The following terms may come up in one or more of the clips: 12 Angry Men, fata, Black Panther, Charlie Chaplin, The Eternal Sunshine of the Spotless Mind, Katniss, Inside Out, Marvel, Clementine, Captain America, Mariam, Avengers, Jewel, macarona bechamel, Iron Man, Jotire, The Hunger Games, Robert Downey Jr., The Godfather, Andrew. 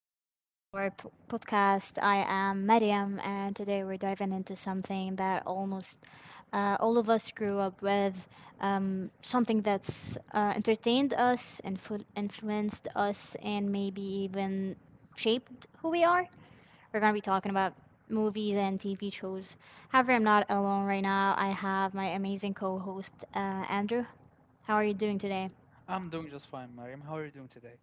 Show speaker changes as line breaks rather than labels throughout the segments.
welcome back to our podcast. I am Mariam, and today we're diving into something that almost all of us grew up with, something that's entertained us, influenced us, and maybe even shaped who we are. We're gonna be talking about movies and TV shows. However, I'm not alone right now. I have my amazing co-host Andrew. How are you doing today?
I'm doing just fine, Mariam. How are you doing today?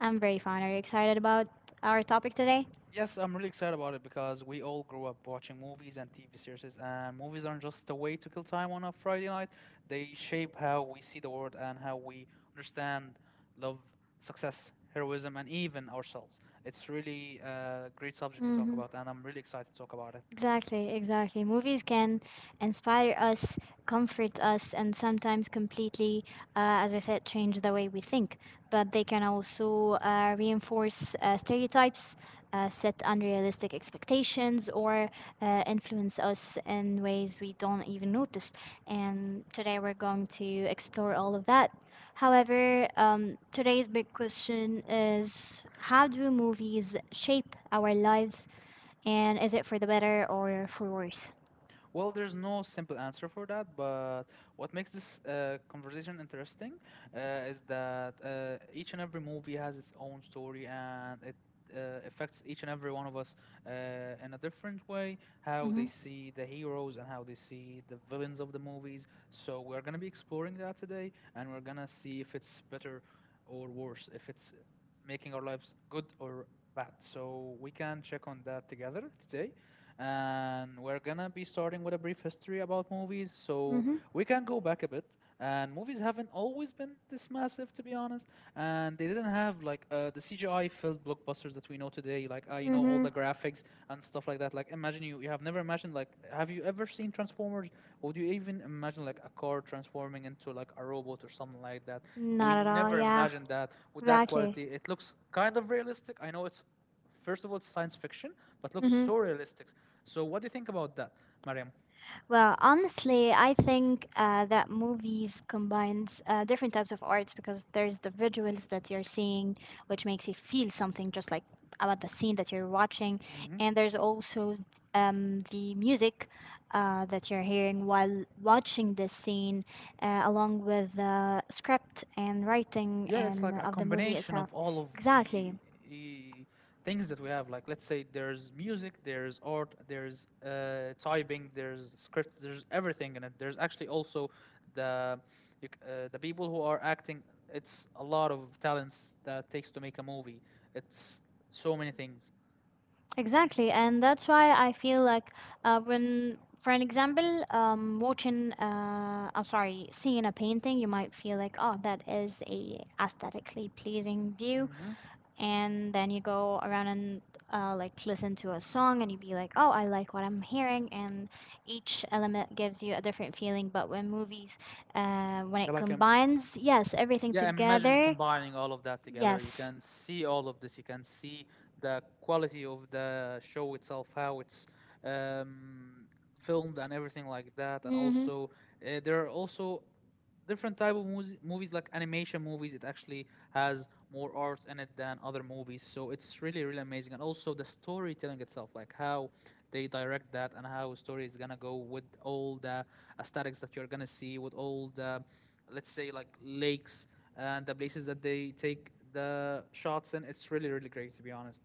I'm very fine. Are you excited about our topic today?
Yes, I'm really excited about it because we all grew up watching movies and TV series, and movies aren't just a way to kill time on a Friday night. They shape how we see the world and how we understand love, success, heroism, and even ourselves. It's really a great subject to talk
Mm.
about, and I'm really excited to talk about it.
Exactly, exactly. Movies can inspire us, comfort us, and sometimes completely, as I said, change the way we think. But they can also reinforce stereotypes, set unrealistic expectations, or influence us in ways we don't even notice. And today we're going to explore all of that. However, today's big question is how do movies shape our lives, and is it for the better or for worse?
Well, there's no simple answer for that, but what makes this conversation interesting is that each and every movie has its own story, and it affects each and every one of us uh, in a different way, how they
Mm-hmm.
see the heroes and how they see the villains of the movies. So, we're going to be exploring that today, and we're going to see if it's better or worse, if it's making our lives good or bad. So we can check on that together today. And we're gonna be starting with a brief history about movies. So
Mm-hmm.
we can go back a bit. And movies haven't always been this massive, to be honest. And they didn't have like the CGI filled blockbusters that we know today, like, all
Mm-hmm.
the graphics figs and stuff like that. Like imagine you have never imagined like have you ever seen Transformers? Would you even imagine like a car transforming into like a robot or something like that? We
Not at all,
never
yeah.
imagined that with that
Exactly.
quality. It looks kind of realistic. I know it's first of all it's science fiction, but looks
Mm-hmm.
so realistic. So what do you think about that, Mariam?
Well, honestly, I think that movies combines different types of arts because there's the visuals that you're seeing, which makes you feel something just like about the scene that you're watching,
Mm-hmm.
and there's also the music that you're hearing while watching this scene, along with the script and writing
Yeah, it's like
and
a
of the movie
combination
itself.
of all of
Exactly.
the eh, things that we have. Like, let's say there's music, there's art, there's typing, there's scripts, there's everything in it. There's actually also the the people who are acting. It's a lot of talents that takes to make a movie. It's so many things.
Exactly, and that's why I feel like when, for an example, watching, seeing a painting, you might feel like, oh, that is a aesthetically pleasing view,
Mm-hmm.
and then you go around and like listen to a song, and you be like, oh, I like what I'm hearing, and each element gives you a different feeling. But when movies, when
Yeah,
it
like um,
combines, yes, everything
Yeah, imagine
together,
combining all of that together. You
yes.
can see all of this. You can see the quality of the show itself, how it's um, filmed, and everything like that. And
Mm-hmm.
also, there are also different type of movies, movies like animation movies. It actually has more parts in it than other movies. So it's really, really amazing. And also the storytelling itself, like how they direct that and how a story is gonna go with all the aesthetics that you're gonna see, with all the, let's say, like lakes and the places that they take the shots in. It's really, really great, to be honest.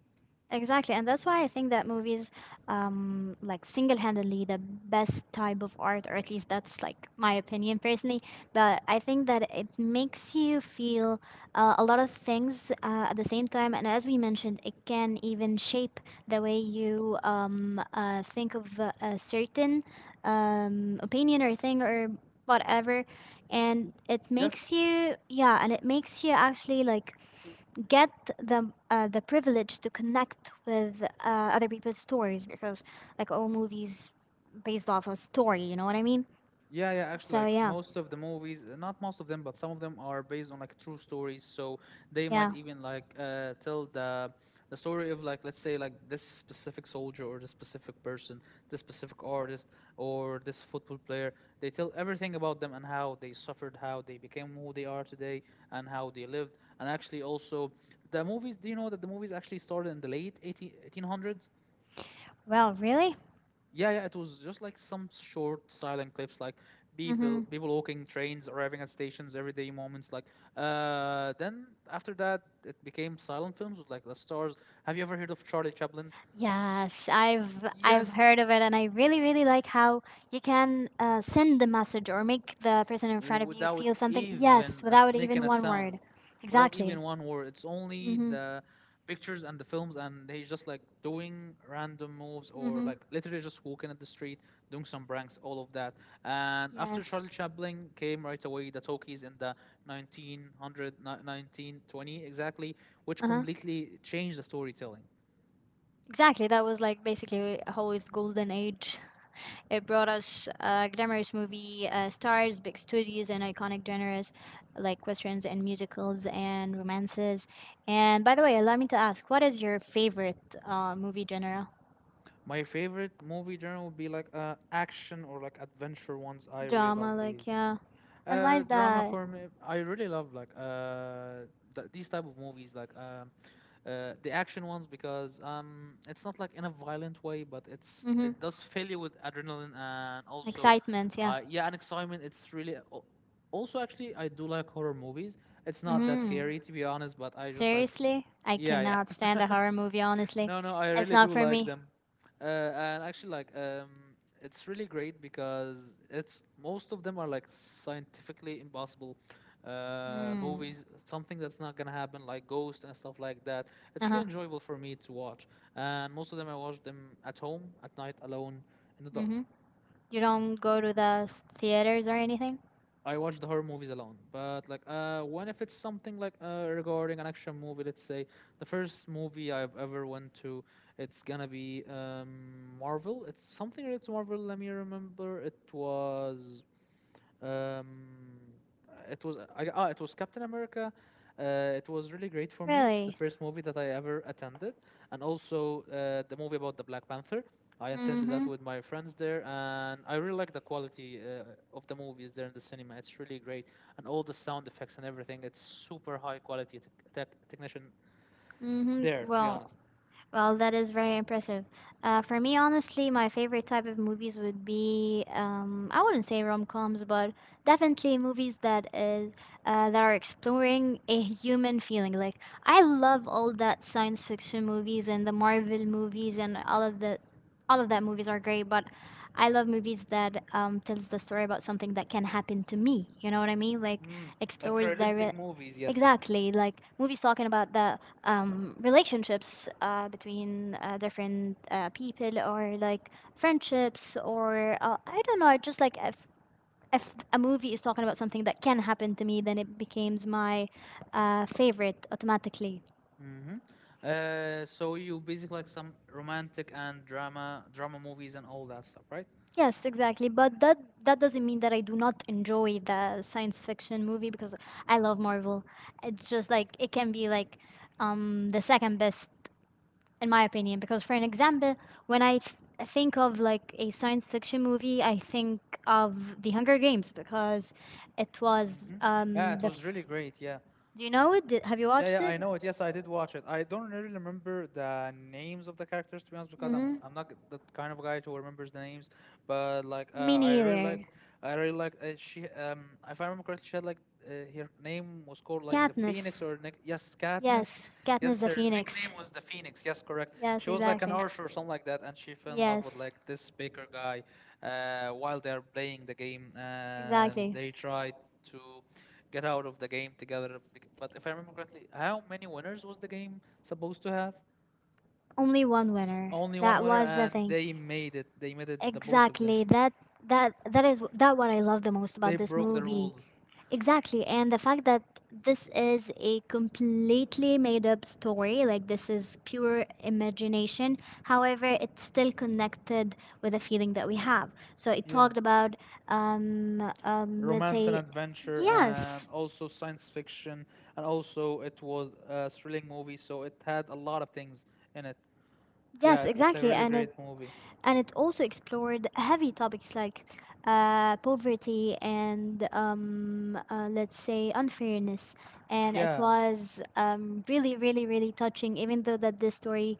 Exactly, and that's why I think that movies, like single-handedly the best type of art, or at least that's like my opinion personally. But I think that it makes you feel a lot of things at the same time, and as we mentioned, it can even shape the way you think of a certain opinion or thing or whatever, and it makes
Yes.
you yeah, and it makes you actually like get the privilege to connect with other people's stories because like all movies based off a story, you know what I mean?
Yeah, yeah, actually,
So
like
yeah.
most of the movies, not most of them, but some of them are based on like true stories. So they
Yeah.
might even like tell the story of like let's say like this specific soldier or this specific person, this specific artist or this football player. They tell everything about them and how they suffered, how they became who they are today, and how they lived. And actually, also the movies. Do you know that the movies actually started in the late 1800s?
Well, really?
Yeah, yeah, it was just like some short silent clips, like people
Mm-hmm.
people walking, trains arriving at stations, everyday moments. Like, then after that, it became silent films with like The Stars. Have you ever heard of Charlie Chaplin?
Yes, I've
Yes,
heard of it, and I really really like how you can send the message or make the person in front of you
without
feel something. Yes,
even us
without
making
even
a
one
sound,
word.
without
Exactly.
even one word. It's only
Mm-hmm.
the pictures and the films, and he's just like doing random moves or
Mm-hmm.
like literally just walking at the street, doing some pranks, all of that. And after Charlie
Yes.
Chaplin came right away, the talkies in the 1920 exactly, which
Uh-huh.
completely changed the storytelling.
Exactly. That was like basically Hollywood's golden age. It brought us glamorous movie stars, big studios, and iconic genres like westerns and musicals and romances. And by the way, allow me to ask, what is your favorite movie genre?
My favorite movie genre would be like action or like adventure ones. I really
Drama,
love
like,
these.
yeah. And why is
Drama
that?
for me, I really love like these type of movies, like the action ones because it's not like in a violent way, but
Mm-hmm.
it does fill you with adrenaline and also,
Excitement, yeah.
yeah, and excitement. Also actually I do like horror movies. It's not that
Mm-hmm.
scary to be honest, but I just like
Seriously? I
yeah
cannot stand
yeah
a horror movie, honestly.
No, no, I
It's
really
not
do
for
like
me.
them. Uh, and actually, like, it's really great because it's most of them are like scientifically impossible
Mm.
movies, something that's not gonna happen, like Ghost and stuff like that. It's
Uh-huh.
really enjoyable for me to watch. And most of them, I watch them at home, at night, alone, in the
Mm-hmm.
dark.
You don't go to the theaters or anything?
I watch the horror movies alone, but like when if it's something like regarding an action movie, let's say the first movie I've ever went to, it's gonna be Marvel. It's something related to Marvel. Let me remember. Um, uh, It was it was Captain America. It was really great for me. It's the
Really?
first movie that I ever attended, and also the movie about the Black Panther. I attended that
Mm-hmm.
with my friends there, and I really like the quality of the movies there in the cinema. It's really great, and all the sound effects and everything. It's super high quality technician there,
Mm-hmm.
to be
Well,
honest.
well, that is very impressive. For me, honestly, my favorite type of movies would be I wouldn't say rom coms, but definitely movies that is that are exploring a human feeling. Like I love all that science fiction movies and the Marvel movies and all of the all of that movies are great, but I love movies that tells the story about something that can happen to me. You know what I mean? Like
Mm, like
explores the
realistic movies, yes.
exactly like movies talking about the relationships between different people or like friendships or I don't know, just like if a movie is talking about something that can happen to me, then it becomes my favorite automatically.
Mm-hmm. So you basically like some romantic and drama movies and all that stuff, right?
Yes, exactly. But that doesn't mean that I do not enjoy the science fiction movie because I love Marvel. It's just like it can be like the second best in my opinion because for an example when think of like a science fiction movie, I think of The Hunger Games because it was
Hmm. Yeah, it was really great. Yeah.
do you know it? Did, have you
Yeah,
watched
yeah,
it?
I know it. Yes, I did watch it. I don't really remember the names of the characters to be honest, because I'm
Mm-hmm.
I'm not that kind of guy who remembers the names. But like,
Me neither.
I really liked. If I remember correctly, she had like uh, her name was called like the
Katniss.
Phoenix or Nick. Yes,
Yes,
Katniss.
Katniss
Yes,
the
her nickname
Phoenix.
was the Phoenix. Yes, correct.
Yes,
She was like an
exactly.
archer or something like that, and she fell in love with
Yes.
like this baker guy while they are playing the game, and
Exactly.
they tried to get out of the game together. But if I remember correctly, how many winners was the game supposed to have?
Only one winner,
Only one
that
winner,
was the
and
thing.
they made it. They made it. The both of them.
Exactly, that is that what I love the most
They
about this
broke the
movie.
rules.
Exactly. And the fact that this is a completely made up story, like this is pure imagination. However, it's still connected with a feeling that we have. So it
Yeah,
talked about, let's
romance and
say,
adventure, and
yes,
also science fiction, and also it was a thrilling movie. So it had a lot of things in it. Yeah,
yes,
it's a
exactly.
really great movie.
And it also explored heavy topics like poverty and, let's say, unfairness. And it
Yeah.
was really, really, really touching, even though that this story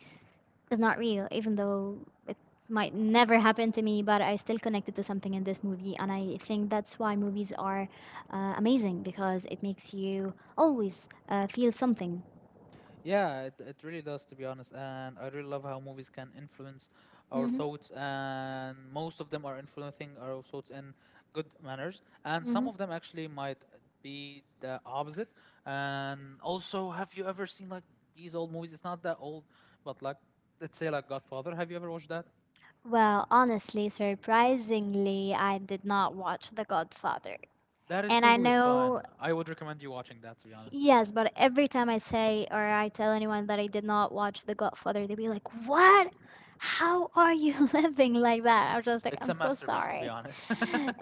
is not real, even though it might never happen to me, but I still connected to something in this movie. And I think that's why movies are amazing because it makes you always feel something.
Yeah, it really does, to be honest. And I really love how movies can influence our
Hmm.
thoughts, and most of them are influencing our thoughts in good manners. And some
Hmm.
of them actually might be the opposite. And also, have you ever seen like these old movies? It's not that old, but like, let's say like Godfather. Have you ever watched that?
Well, honestly, surprisingly, I did not watch The Godfather.
That is
And I
totally
know,
fun. I would recommend you watching that, to be honest.
yes, but every time I say or I tell anyone that I did not watch The Godfather, they be like, what? How are you living like that? I'm just like,
It's
I'm
a
so
masterpiece, to be
sorry.
honest.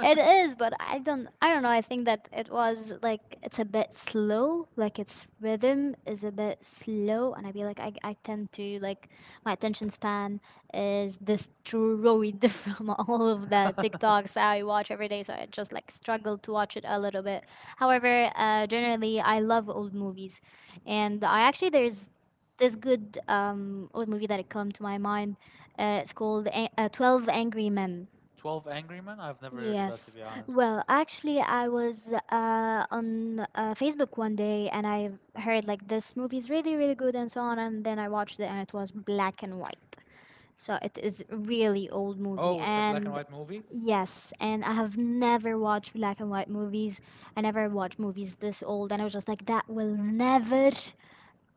It is, but I don't know. I think that it was like it's a bit slow, like its rhythm is a bit slow and I feel like I tend to like my attention span is destroyed from all of the TikToks I watch every day, so I just like struggle to watch it a little bit. However, generally I love old movies and I actually there's this good old movie that it come to my mind. It's called 12 Angry Men.
12 Angry Men? I've never heard of that, to
Yes.
be honest.
Well, actually, I was on Facebook one day and I heard like this movie is really, really good and so on. And then I watched it and it was black and white. So it is really old movie.
Oh, it's a black and
And
white movie?
yes, and I have never watched black and white movies. I never watched movies this old. And I was just like,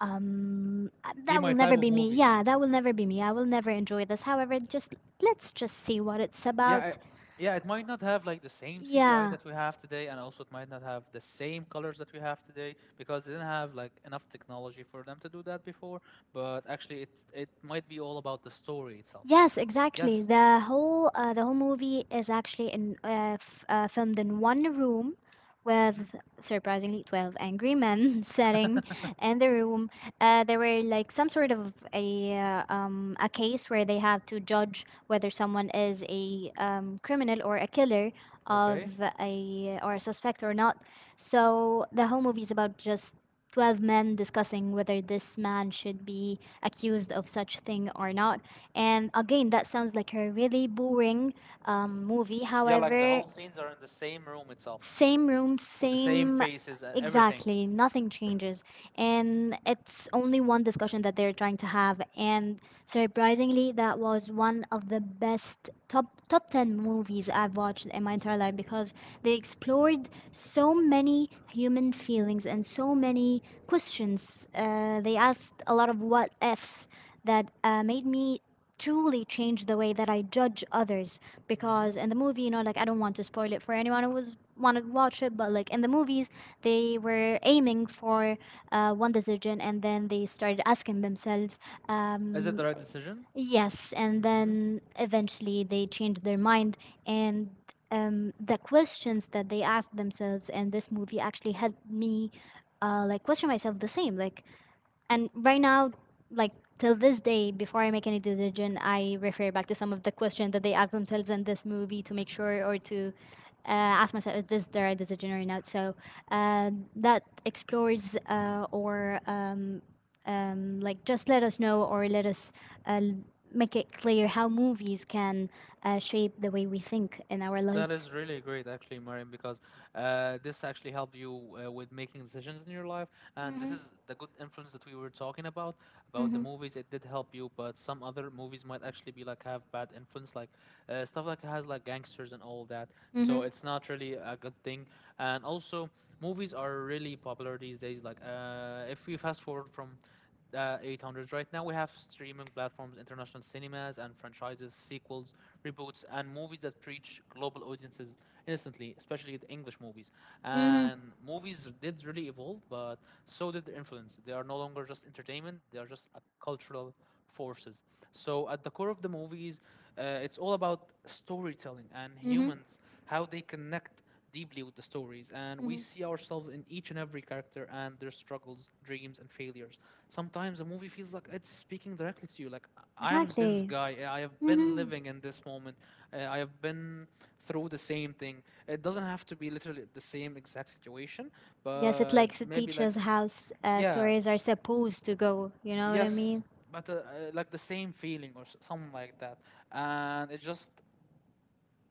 Be
that will
my type
never
of
be me,
movies. Yes.
yeah that will never be me, I will never enjoy this, however just let's just see what it's
Yeah, I,
about.
yeah. It might not have like the same CGI
Yeah.
that we have today, and also it might not have the same colors that we have today because they didn't have like enough technology for them to do that before. But actually, it might be all about the story itself.
Yes, exactly.
Yes.
The whole movie is actually in filmed in one room
Hmm.
with surprisingly 12 angry men sitting in the room. There were like some sort of a case where they have to judge whether someone is a criminal or a killer
Okay.
of a suspect or not. So the whole movie is about just 12 men discussing whether this man should be accused of such thing or not, and again, that sounds like a really boring movie.
Yeah, like the
However,
whole scenes are in the same room itself
same room,
with the same
same.
faces and everything.
Exactly. Nothing changes.
Hmm.
And it's only one discussion that they're trying to have. And surprisingly, that was one of the best top 10 movies I've watched in my entire life because they explored so many human feelings and so many questions. They asked a lot of what ifs that made me truly change the way that I judge others
Hmm.
because in the movie, you know, like I don't want to spoil it for anyone who was want to watch it, but like in the movies, they were aiming for one decision, and then they started asking themselves,
Is it
um,
the right decision?
yes, and then eventually they changed their mind, and the questions that they asked themselves in this movie actually helped me, like question myself the same, like and right now like till this day before I make any decision I refer back to some of the questions that they ask themselves in this movie to make sure or to uh, ask myself is this the right decision or not, so that explores or like just let us know or uh, l- make it clear how movies can shape the way we think in our
That
lives.
is really great, actually, Mariam, because this actually helped you with making decisions in your life. And this
Mhm,
is the good influence that we were talking about the
mhm,
movies. It did help you, but some other movies might actually be like have bad influence, like stuff like has like gangsters and all that.
mhm,
So it's not really a good thing. And also, movies are really popular these days. Like, if we fast forward from 800s. Right now, we have streaming platforms, international cinemas, and franchises, sequels, reboots, and movies that reach global audiences instantly, especially the English movies.
mhm,
And movies did really evolve, but so did their influence. They are no longer just entertainment, they are just a cultural forces. So, at the core of the movies, it's all about storytelling and
mhm,
humans, how they connect deeply with the stories, and we
mhm.
see ourselves in each and every character and their struggles, dreams, and failures. Sometimes a movie feels like it's speaking directly to you. Like, I am this
Exactly.
guy, I have been
Mm-hmm.
living in this moment, I have been through the same thing. It doesn't have to be literally the same exact situation,
Yes, it
but
likes to
maybe
teach
like,
us how
yeah,
stories are supposed to go. You know what I
yes.
mean?
But like the same feeling or something like that, and it just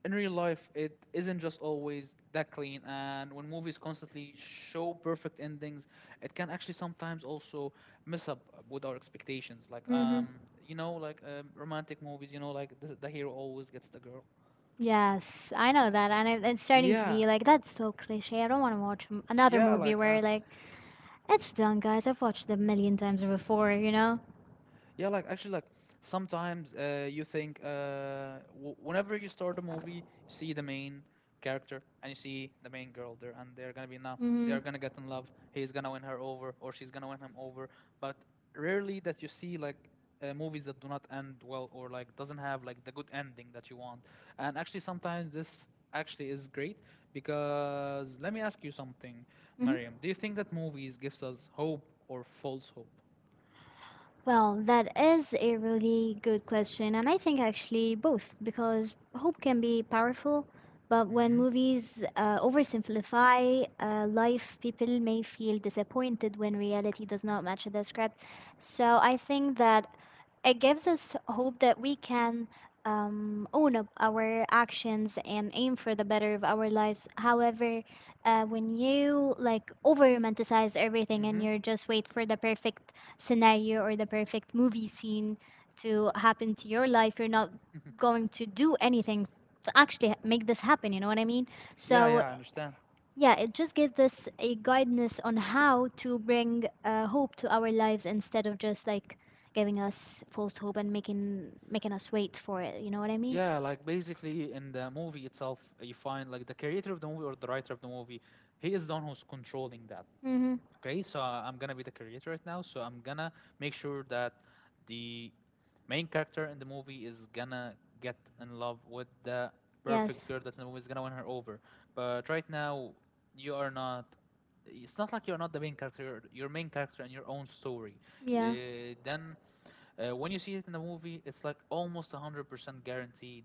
in real life it isn't just always that clean. And when movies constantly show perfect endings, it can actually sometimes also mess up with our expectations, like
Mm-hmm.
romantic movies, like the hero always gets the girl.
Yes, I know that, and it's starting to
Yeah,
be like that's so cliche. I don't want to watch another
yeah,
movie
like
where like it's done, guys. I've watched it a million times before, you know?
yeah, like actually, like sometimes you think, whenever you start a movie, you see the main character and you see the main girl there, and they're gonna be now they
Mm-hmm.
are gonna get in love. He's gonna win her over, or she's gonna win him over. But rarely that you see like movies that do not end well, or like doesn't have like the good ending that you want. And actually, sometimes this actually is great because let me ask you something,
Mm-hmm.
Mariam. Do you think that movies gives us hope or false hope?
Well, that is a really good question, and I think actually both, because hope can be powerful, but when
Hmm.
movies oversimplify life, people may feel disappointed when reality does not match the script. So I think that it gives us hope that we can own up our actions and aim for the better of our lives. However, when you like over romanticize everything and
Mm-hmm.
you're just wait for the perfect scenario or the perfect movie scene to happen to your life. You're not going to do anything to make this happen. You know what I mean?
Yeah,
So
yeah, I understand.
yeah, it just gives us a guidance on how to bring hope to our lives instead of just like giving us false hope and making us wait for it. You know what I mean?
Yeah, like basically in the movie itself, you find like the creator of the movie or the writer of the movie, he is the one who's controlling that.
Mm-hmm.
Okay, so I'm gonna be the creator right now. So I'm gonna make sure that the main character in the movie is gonna get in love with the perfect
Yes.
girl that's in the movie is gonna win her over. But right now, you are not. It's not like you're not the main character. Your main character in your own story.
Yeah.
Then, when you see it in the movie, it's like almost 100% guaranteed.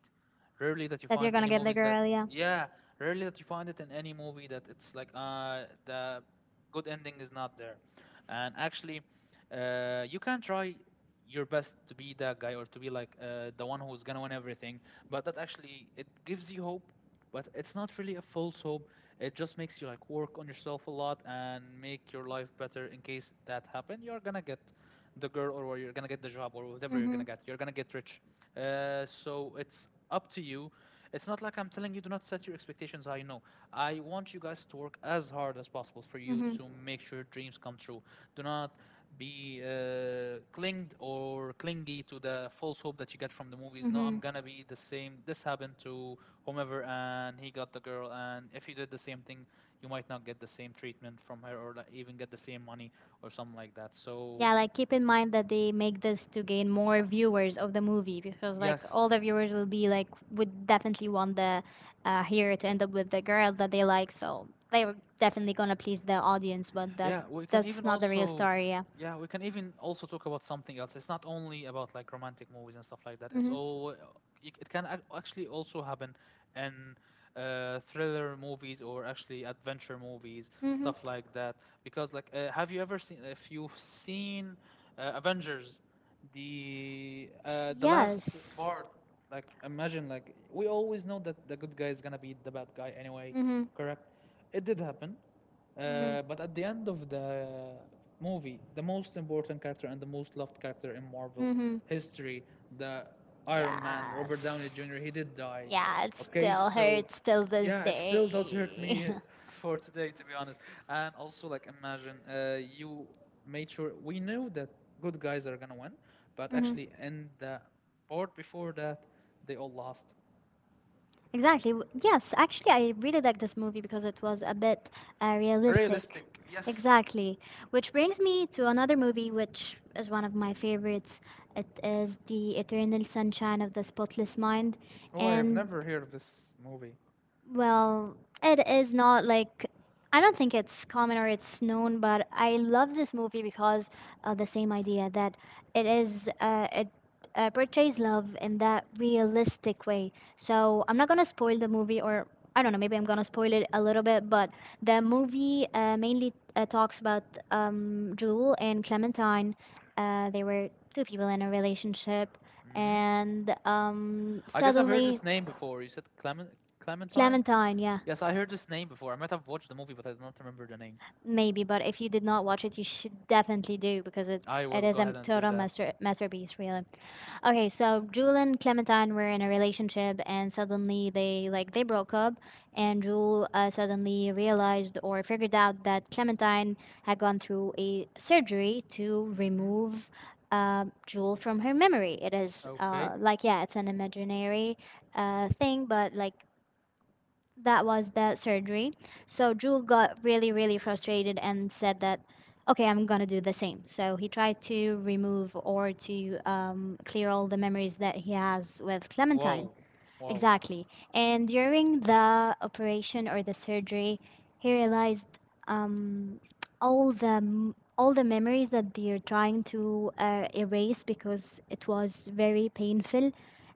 Rarely that you
That you're
find any
gonna get the
movies that
girl. Yeah.
yeah, rarely that you find it in any movie that it's like the good ending is not there. And actually, you can try your best to be that guy or to be like the one who's gonna win everything, but that actually it gives you hope, but it's not really a false hope. It just makes you like work on yourself a lot and make your life better in case that happen. You're gonna get the girl or you're gonna get the job or whatever you're
Mm-hmm.
gonna get. You're gonna get rich. So it's up to you. It's not like I'm telling you do not set your expectations high. No, I want you guys to work as hard as possible for you
Mm-hmm.
to make sure dreams come true. Do not be uh, clinged or clingy to the false hope that you get from the movies. No, I'm
Mm-hmm.
gonna be the same. This happened to whomever, and he got the girl. And if you did the same thing, you might not get the same treatment from her, or like, even get the same money or something like that. So
Yeah, like keep in mind that they make this to gain more viewers of the movie because like
yes,
all the viewers will be like would definitely want the hero to end up with the girl that they like, so they were definitely gonna please the audience, but that
Yeah, we can even
that's not the real
also
story. Yeah.
yeah, we can even also talk about something else. It's not only about like romantic movies and stuff like that. It's
Mhm.
all it it can actually also happen in thriller movies or actually adventure movies,
Mhm.
stuff like that. Because like, have you ever seen if you've seen Avengers, the last
Yes.
part? Like, imagine like we always know that the good guy is gonna be the bad guy anyway,
Mhm.
correct? It did happen
Mhm.
but at the end of the movie, the most important character and the most loved character in Marvel
Mhm.
history, the Iron Man, Robert Downey Jr., he
Yes.
did die.
Yeah, it
Okay,
still
so
hurts till this
yeah, it still does hurt
day.
me for today, to be honest. And also, like, imagine you made sure we knew that good guys are gonna win, but
Mhm.
actually, in the part before that, they all lost.
Exactly. Yes, actually, I really like this movie because it was a bit realistic.
Realistic, yes.
Exactly. Which brings me to another movie, which is one of my favorites. It is The Eternal Sunshine of the Spotless Mind.
Oh, I have
And
never heard of this movie.
well, it is not like I don't think it's common or it's known, but I love this movie because of the same idea that it portrays love in that realistic way. So I'm not gonna spoil the movie, or I don't know, maybe I'm gonna spoil it a little bit, but the movie mainly talks about Jewel and Clementine. They were two people in a relationship,
Hmm.
and
I guess I've heard
suddenly
this name before. You said Clementine?
Clementine, yeah.
Yes, I heard this name before. I might have watched the movie, but I don't remember the name.
Maybe, but if you did not watch it, you should definitely do because it
I
it
will
is
go
a
ahead and do
total
that.
masterpiece, really. Okay, so Jewel and Clementine were in a relationship, and suddenly they like they broke up, and Jewel suddenly realized or figured out that Clementine had gone through a surgery to
Mm-hmm.
remove Jewel from her memory. It is
Okay.
like yeah, it's an imaginary thing, but like that was that surgery. So Drew got really, really frustrated and said that, okay, I'm gonna do the same. So he tried to remove or to clear all the memories that he has with Clementine.
Whoa. Whoa.
Exactly. And during the operation or the surgery, he realized um, all the memories that they're trying to erase because it was very painful.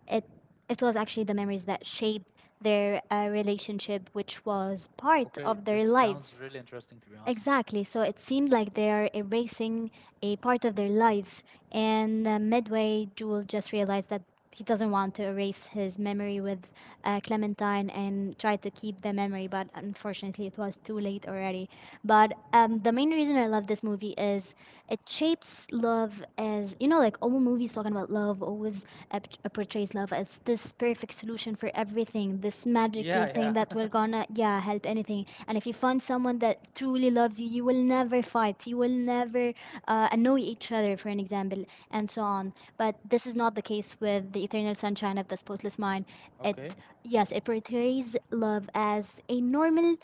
It it was actually the memories that shaped their relationship, which was part
Okay,
of their
this
lives.
sounds really interesting to be honest.
Exactly. So it seemed like they are erasing a part of their lives. And midway, Jewel just realized that he doesn't want to erase his memory with Clementine and try to keep the memory, but unfortunately, it was too late already. But
Hmm.
the main reason I love this movie is it shapes love as you know, like all movies talking about love always portrays love as this perfect solution for everything, this magical
Yeah, yeah.
thing that will gonna yeah help anything. And if you find someone that truly loves you, you will never fight. You will never annoy each other, for an example, and so on. But this is not the case with The Eternal Sunshine of the Spotless Mind. It,
Okay.
yes, it portrays love as a normal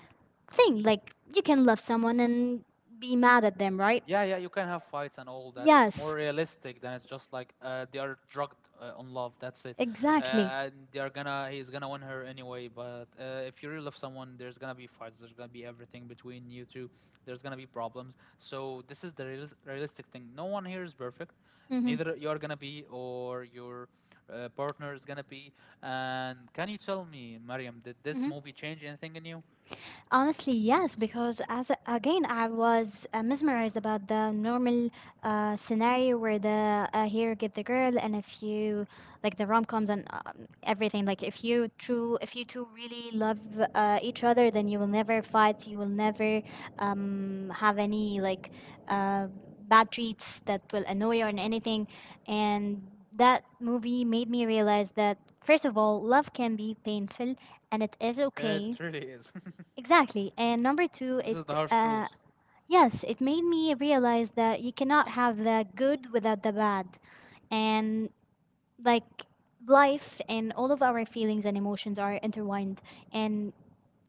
thing. Like, you can love someone and be mad at them, right?
Yeah, yeah, you can have fights and all that. It's more
Yes,
realistic than it's just like they are drugged on love. That's it.
exactly.
And they are gonna, he's gonna win her anyway. But if you really love someone, there's gonna be fights. There's gonna be everything between you two. There's gonna be problems. So this is the realistic thing. No one here is perfect.
Mm-hmm.
Neither you're gonna be or your partner is gonna be. And can you tell me, Mariam, did this
Mm-hmm.
movie change anything in you?
Honestly, yes, because again, I was mesmerized about the normal scenario where the hero get the girl, and if you like the rom coms and everything, like if you two really love each other, then you will never fight, you will never have any like uh, bad treats that will annoy you or anything, and that movie made me realize that first of all, love can be painful, and it is okay.
It really is.
Exactly. And number two,
This
it
is the harsh
uh,
truth.
yes, it made me realize that you cannot have the good without the bad. And like life and all of our feelings and emotions are intertwined and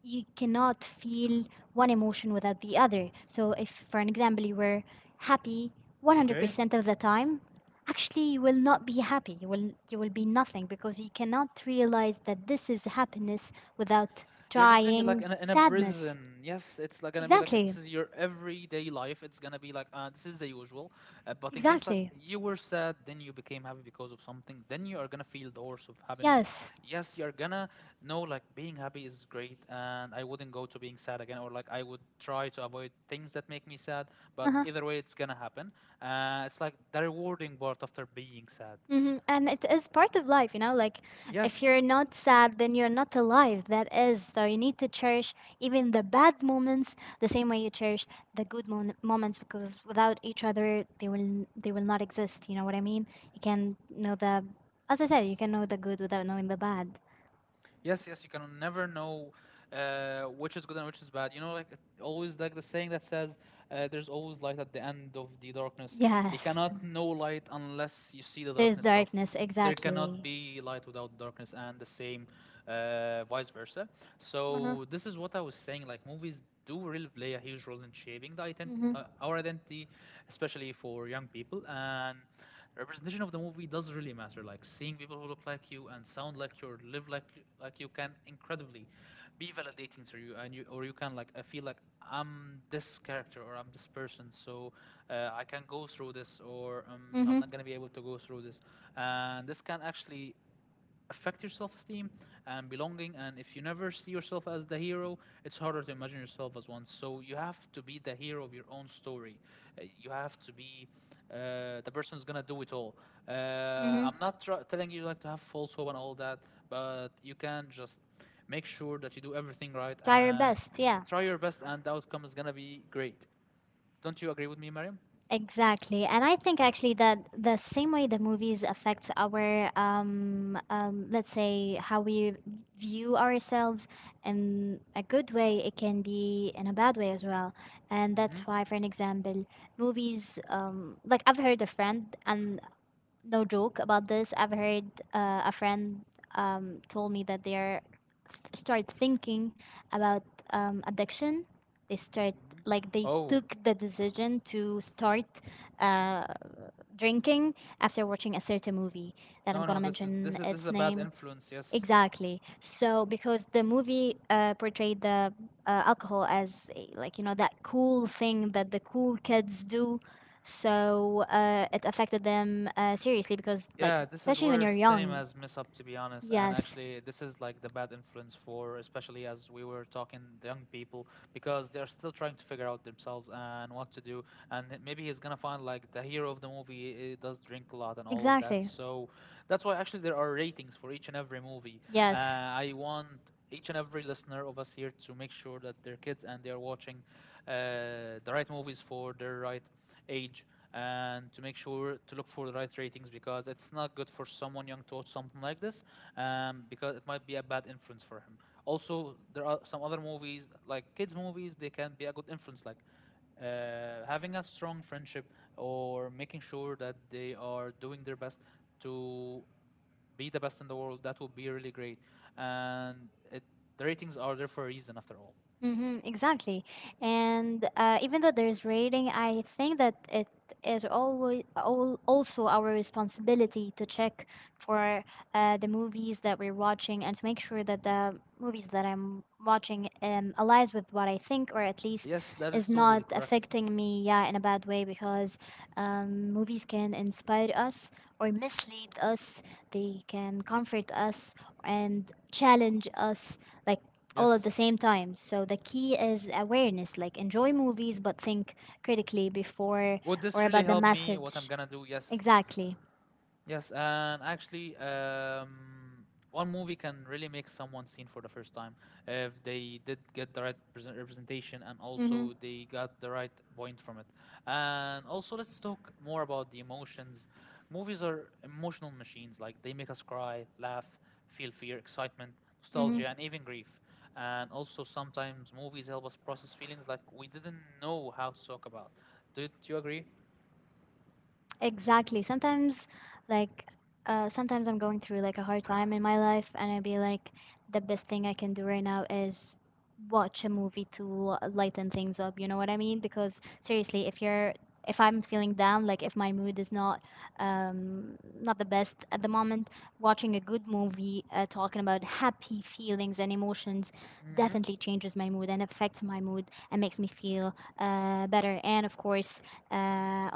you cannot feel one emotion without the other. So if for an example you were happy
Okay.
100% of the time, actually you will not be happy. You will be nothing because you cannot realize that this is happiness without
You're just gonna be like
trying
in a
sadness.
prison. Yes, it's like gonna be like
Exactly.
this is your everyday life. It's gonna be like this is the usual. But in case like
Exactly.
you were sad, then you became happy because of something, then you are gonna feel the horse of happiness.
Yes.
Yes, you're gonna know like being happy is great, and I wouldn't go to being sad again, or like I would try to avoid things that make me sad. But
Uh-huh.
either way, it's gonna happen. It's like the rewarding part after being sad.
Hmm. And it is part of life, you know, like if
Yes,
you're not sad, then you're not alive. That is. So you need to cherish even the bad moments the same way you cherish the moments because without each other, they will not exist. You know what I mean? You can know the, as I said, you can know the good without knowing the bad.
yes, yes, you can never know which is good and which is bad. You know, like always, like the saying that says, "There's always light at the end of the darkness." You
Yes.
cannot know light unless you see the
There's
darkness itself.
darkness.
There cannot
Exactly.
be light without darkness, and the same, vice versa.
Uh-huh.
So this is what I was saying. Like movies do really play a huge role in shaping the identity,
Mm-hmm.
our identity, especially for young people. And representation of the movie does really matter. Like seeing people who look like you and sound like you, or live like you, can incredibly be validating to you, and you or you can like I feel like I'm this character or I'm this person, so I can go through this, or I'm
Mm-hmm.
not gonna be able to go through this, and this can actually affect your self-esteem and belonging. And if you never see yourself as the hero, it's harder to imagine yourself as one, so you have to be the hero of your own story. You have to be uh, the person who's gonna do it all.
Mm-hmm.
I'm not tr- telling you like to have false hope and all that, but you can just make sure that you do everything right
Try your
and
best. Yeah.
try your best, and the outcome is gonna be great. Don't you agree with me, Mariam?
Exactly. And I think actually that the same way the movies affect our, let's say, how we view ourselves in a good way, it can be in a bad way as well. And that's
Hmm.
why, for an example, movies, like I've heard a friend, and no joke about this. I've heard a friend told me that they are start thinking about addiction. They start
Hmm.
like they
Oh,
took the decision to start uh, drinking after watching a certain movie that I'm
no, no,
gonna
this is this
mention
is this is
its
a bad
name.
influence, yes.
Exactly. So because the movie portrayed the alcohol as a, like you know that cool thing that the cool kids do, so it affected them seriously because like
Yeah, this is
especially when
where
you're young.
cinemas mess up, to be honest. And
Yes.
actually, this is like the bad influence for, especially as we were talking, the young people, because they're still trying to figure out themselves and what to do. And then maybe he's gonna find like the hero of the movie eh, does drink a lot and all of that.
Exactly.
So that's why actually there are ratings for each and every movie.
Yes.
I want each and every listener of us here to make sure that their kids and they are watching the right movies for their right age and to make sure to look for the right ratings because it's not good for someone young to watch something like this, because it might be a bad influence for him. Also, there are some other movies like kids movies they can be a good influence, like having a strong friendship or making sure that they are doing their best to be the best in the world. That would be really great. And it, the ratings are there for a reason, after all.
Mm-hmm, exactly. And even though there's rating, I think that it is also our responsibility to check for the movies that we're watching and to make sure that the movies that I'm watching aligns with what I think or at least
Yes, that is
is not
totally correct.
affecting me yeah in a bad way because movies can inspire us or mislead us. They can comfort us and challenge us like all at the
Yes.
same time. So the key is awareness, like enjoy movies, but think critically before
Would
or
this really
about the
help me? What I'm
message.
gonna do? Yes.
Exactly.
Yes, and actually, one movie can really make someone seen for the first time if they did get the right present representation and
Mm-hmm.
also they got the right point from it. And also, let's talk more about the emotions. Movies are emotional machines, like they make us cry, laugh, feel fear, excitement,
Mm-hmm.
nostalgia, and even grief. And also, sometimes movies help us process feelings like we didn't know how to talk about. Do you agree?
Exactly. Sometimes, like, sometimes I'm going through like a hard time in my life, and I'd be like, the best thing I can do right now is watch a movie to lighten things up. You know what I mean? Because seriously, if I'm feeling down, like if my mood is not not the best at the moment, watching a good movie talking about happy feelings and emotions
Mm-hmm.
definitely changes my mood and affects my mood and makes me feel better. And of course,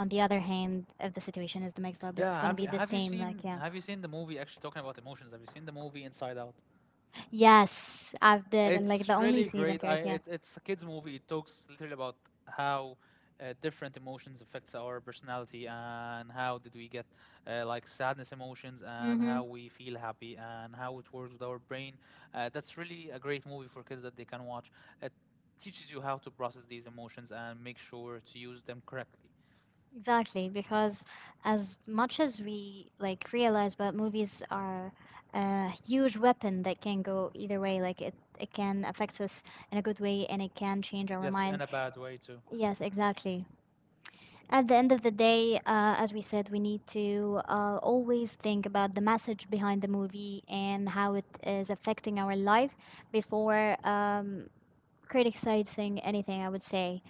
on the other hand, if the situation is the mixed up, it's
Yeah,
gonna be the same. Like yeah,
have you seen the movie? Actually, talking about emotions, have you seen the movie Inside Out?
yes, I've did and like the
It's
only
really
season
great.
first. Yeah.
It's a kids movie. It talks literally about how different emotions affects our personality and how did we get like sadness emotions and
Mm-hmm.
how we feel happy and how it works with our brain. That's really a great movie for kids that they can watch. It teaches you how to process these emotions and make sure to use them correctly.
Exactly, because as much as we like realize, but movies are a huge weapon that can go either way. Like it can affect us in a good way, and it can change our
Yes, in
mind.
a bad way too.
Yes, exactly. At the end of the day, as we said, we need to always think about the message behind the movie and how it is affecting our life before criticizing anything, I would say.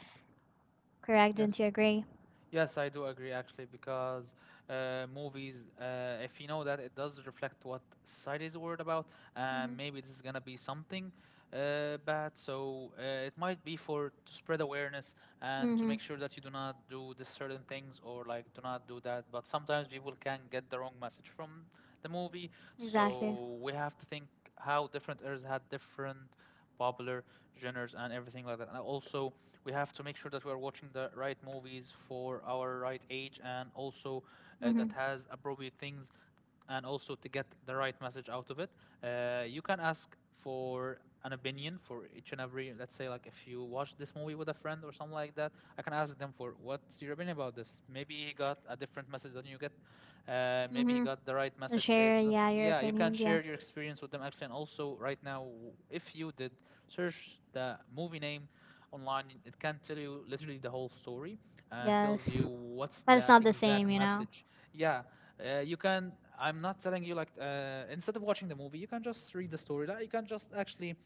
Correct? Don't
Yes.
you agree?
Yes, I do agree actually because if you know that, it does reflect what society is worried about,
Mm-hmm.
and maybe this is gonna be something bad. So it might be for to spread awareness and to
Mm-hmm.
make sure that you do not do this certain things or like do not do that. But sometimes people can get the wrong message from the movie,
Exactly.
so we have to think how different eras had different popular genres and everything like that. And also, we have to make sure that we are watching the right movies for our right age and also
Mm-hmm.
that has appropriate things and also to get the right message out of it. You can ask for an opinion for each and every, let's say, like if you watch this movie with a friend or something like that, I can ask them for what's your opinion about this. Maybe he got a different message than you get. Maybe he
Mm-hmm.
got the right
And
message.
share,
It's just,
yeah, your
yeah, you can
opinions, yeah.
share your experience with them actually. And also, right now, if you did search the movie name online, it can tell you literally the whole story and tells
Yes.
you what's
But it's
the
not the
exact
same, you know?
message. Yeah, you can. I'm not telling you like instead of watching the movie, you can just read the story. Like, you can just actually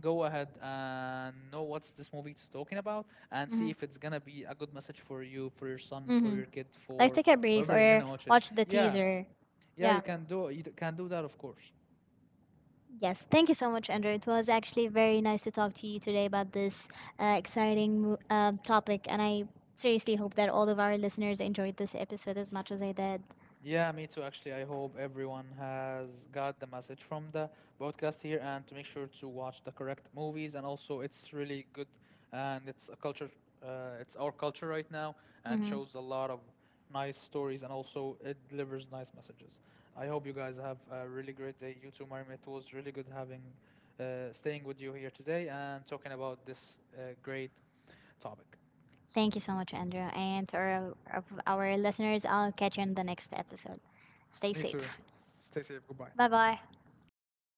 go ahead and know what's this movie is talking about and see
Mm-hmm.
if it's gonna be a good message for you, for your son, for
Mm-hmm.
your kid,
Like,
for
take a brief
whoever is
or
gonna watch it.
watch the
Yeah,
teaser. Yeah.
you can do that, of course.
Yes, thank you so much, Andrew. It was actually very nice to talk to you today about this uh, exciting topic, and I seriously hope that all of our listeners enjoyed this episode as much as I did.
Yeah, me too. Actually, I hope everyone has got the message from the broadcast here and to make sure to watch the correct movies. And also, it's really good and it's a culture, it's our culture right now and
Hmm.
shows a lot of nice stories and also it delivers nice messages. I hope you guys have a really great day. You too, Mariam. It was really good having, staying with you here today and talking about this great topic.
Thank you so much, Andrew. And to our listeners, I'll catch you in the next episode. Stay
Me too.
safe.
Stay safe. Goodbye.
Bye bye.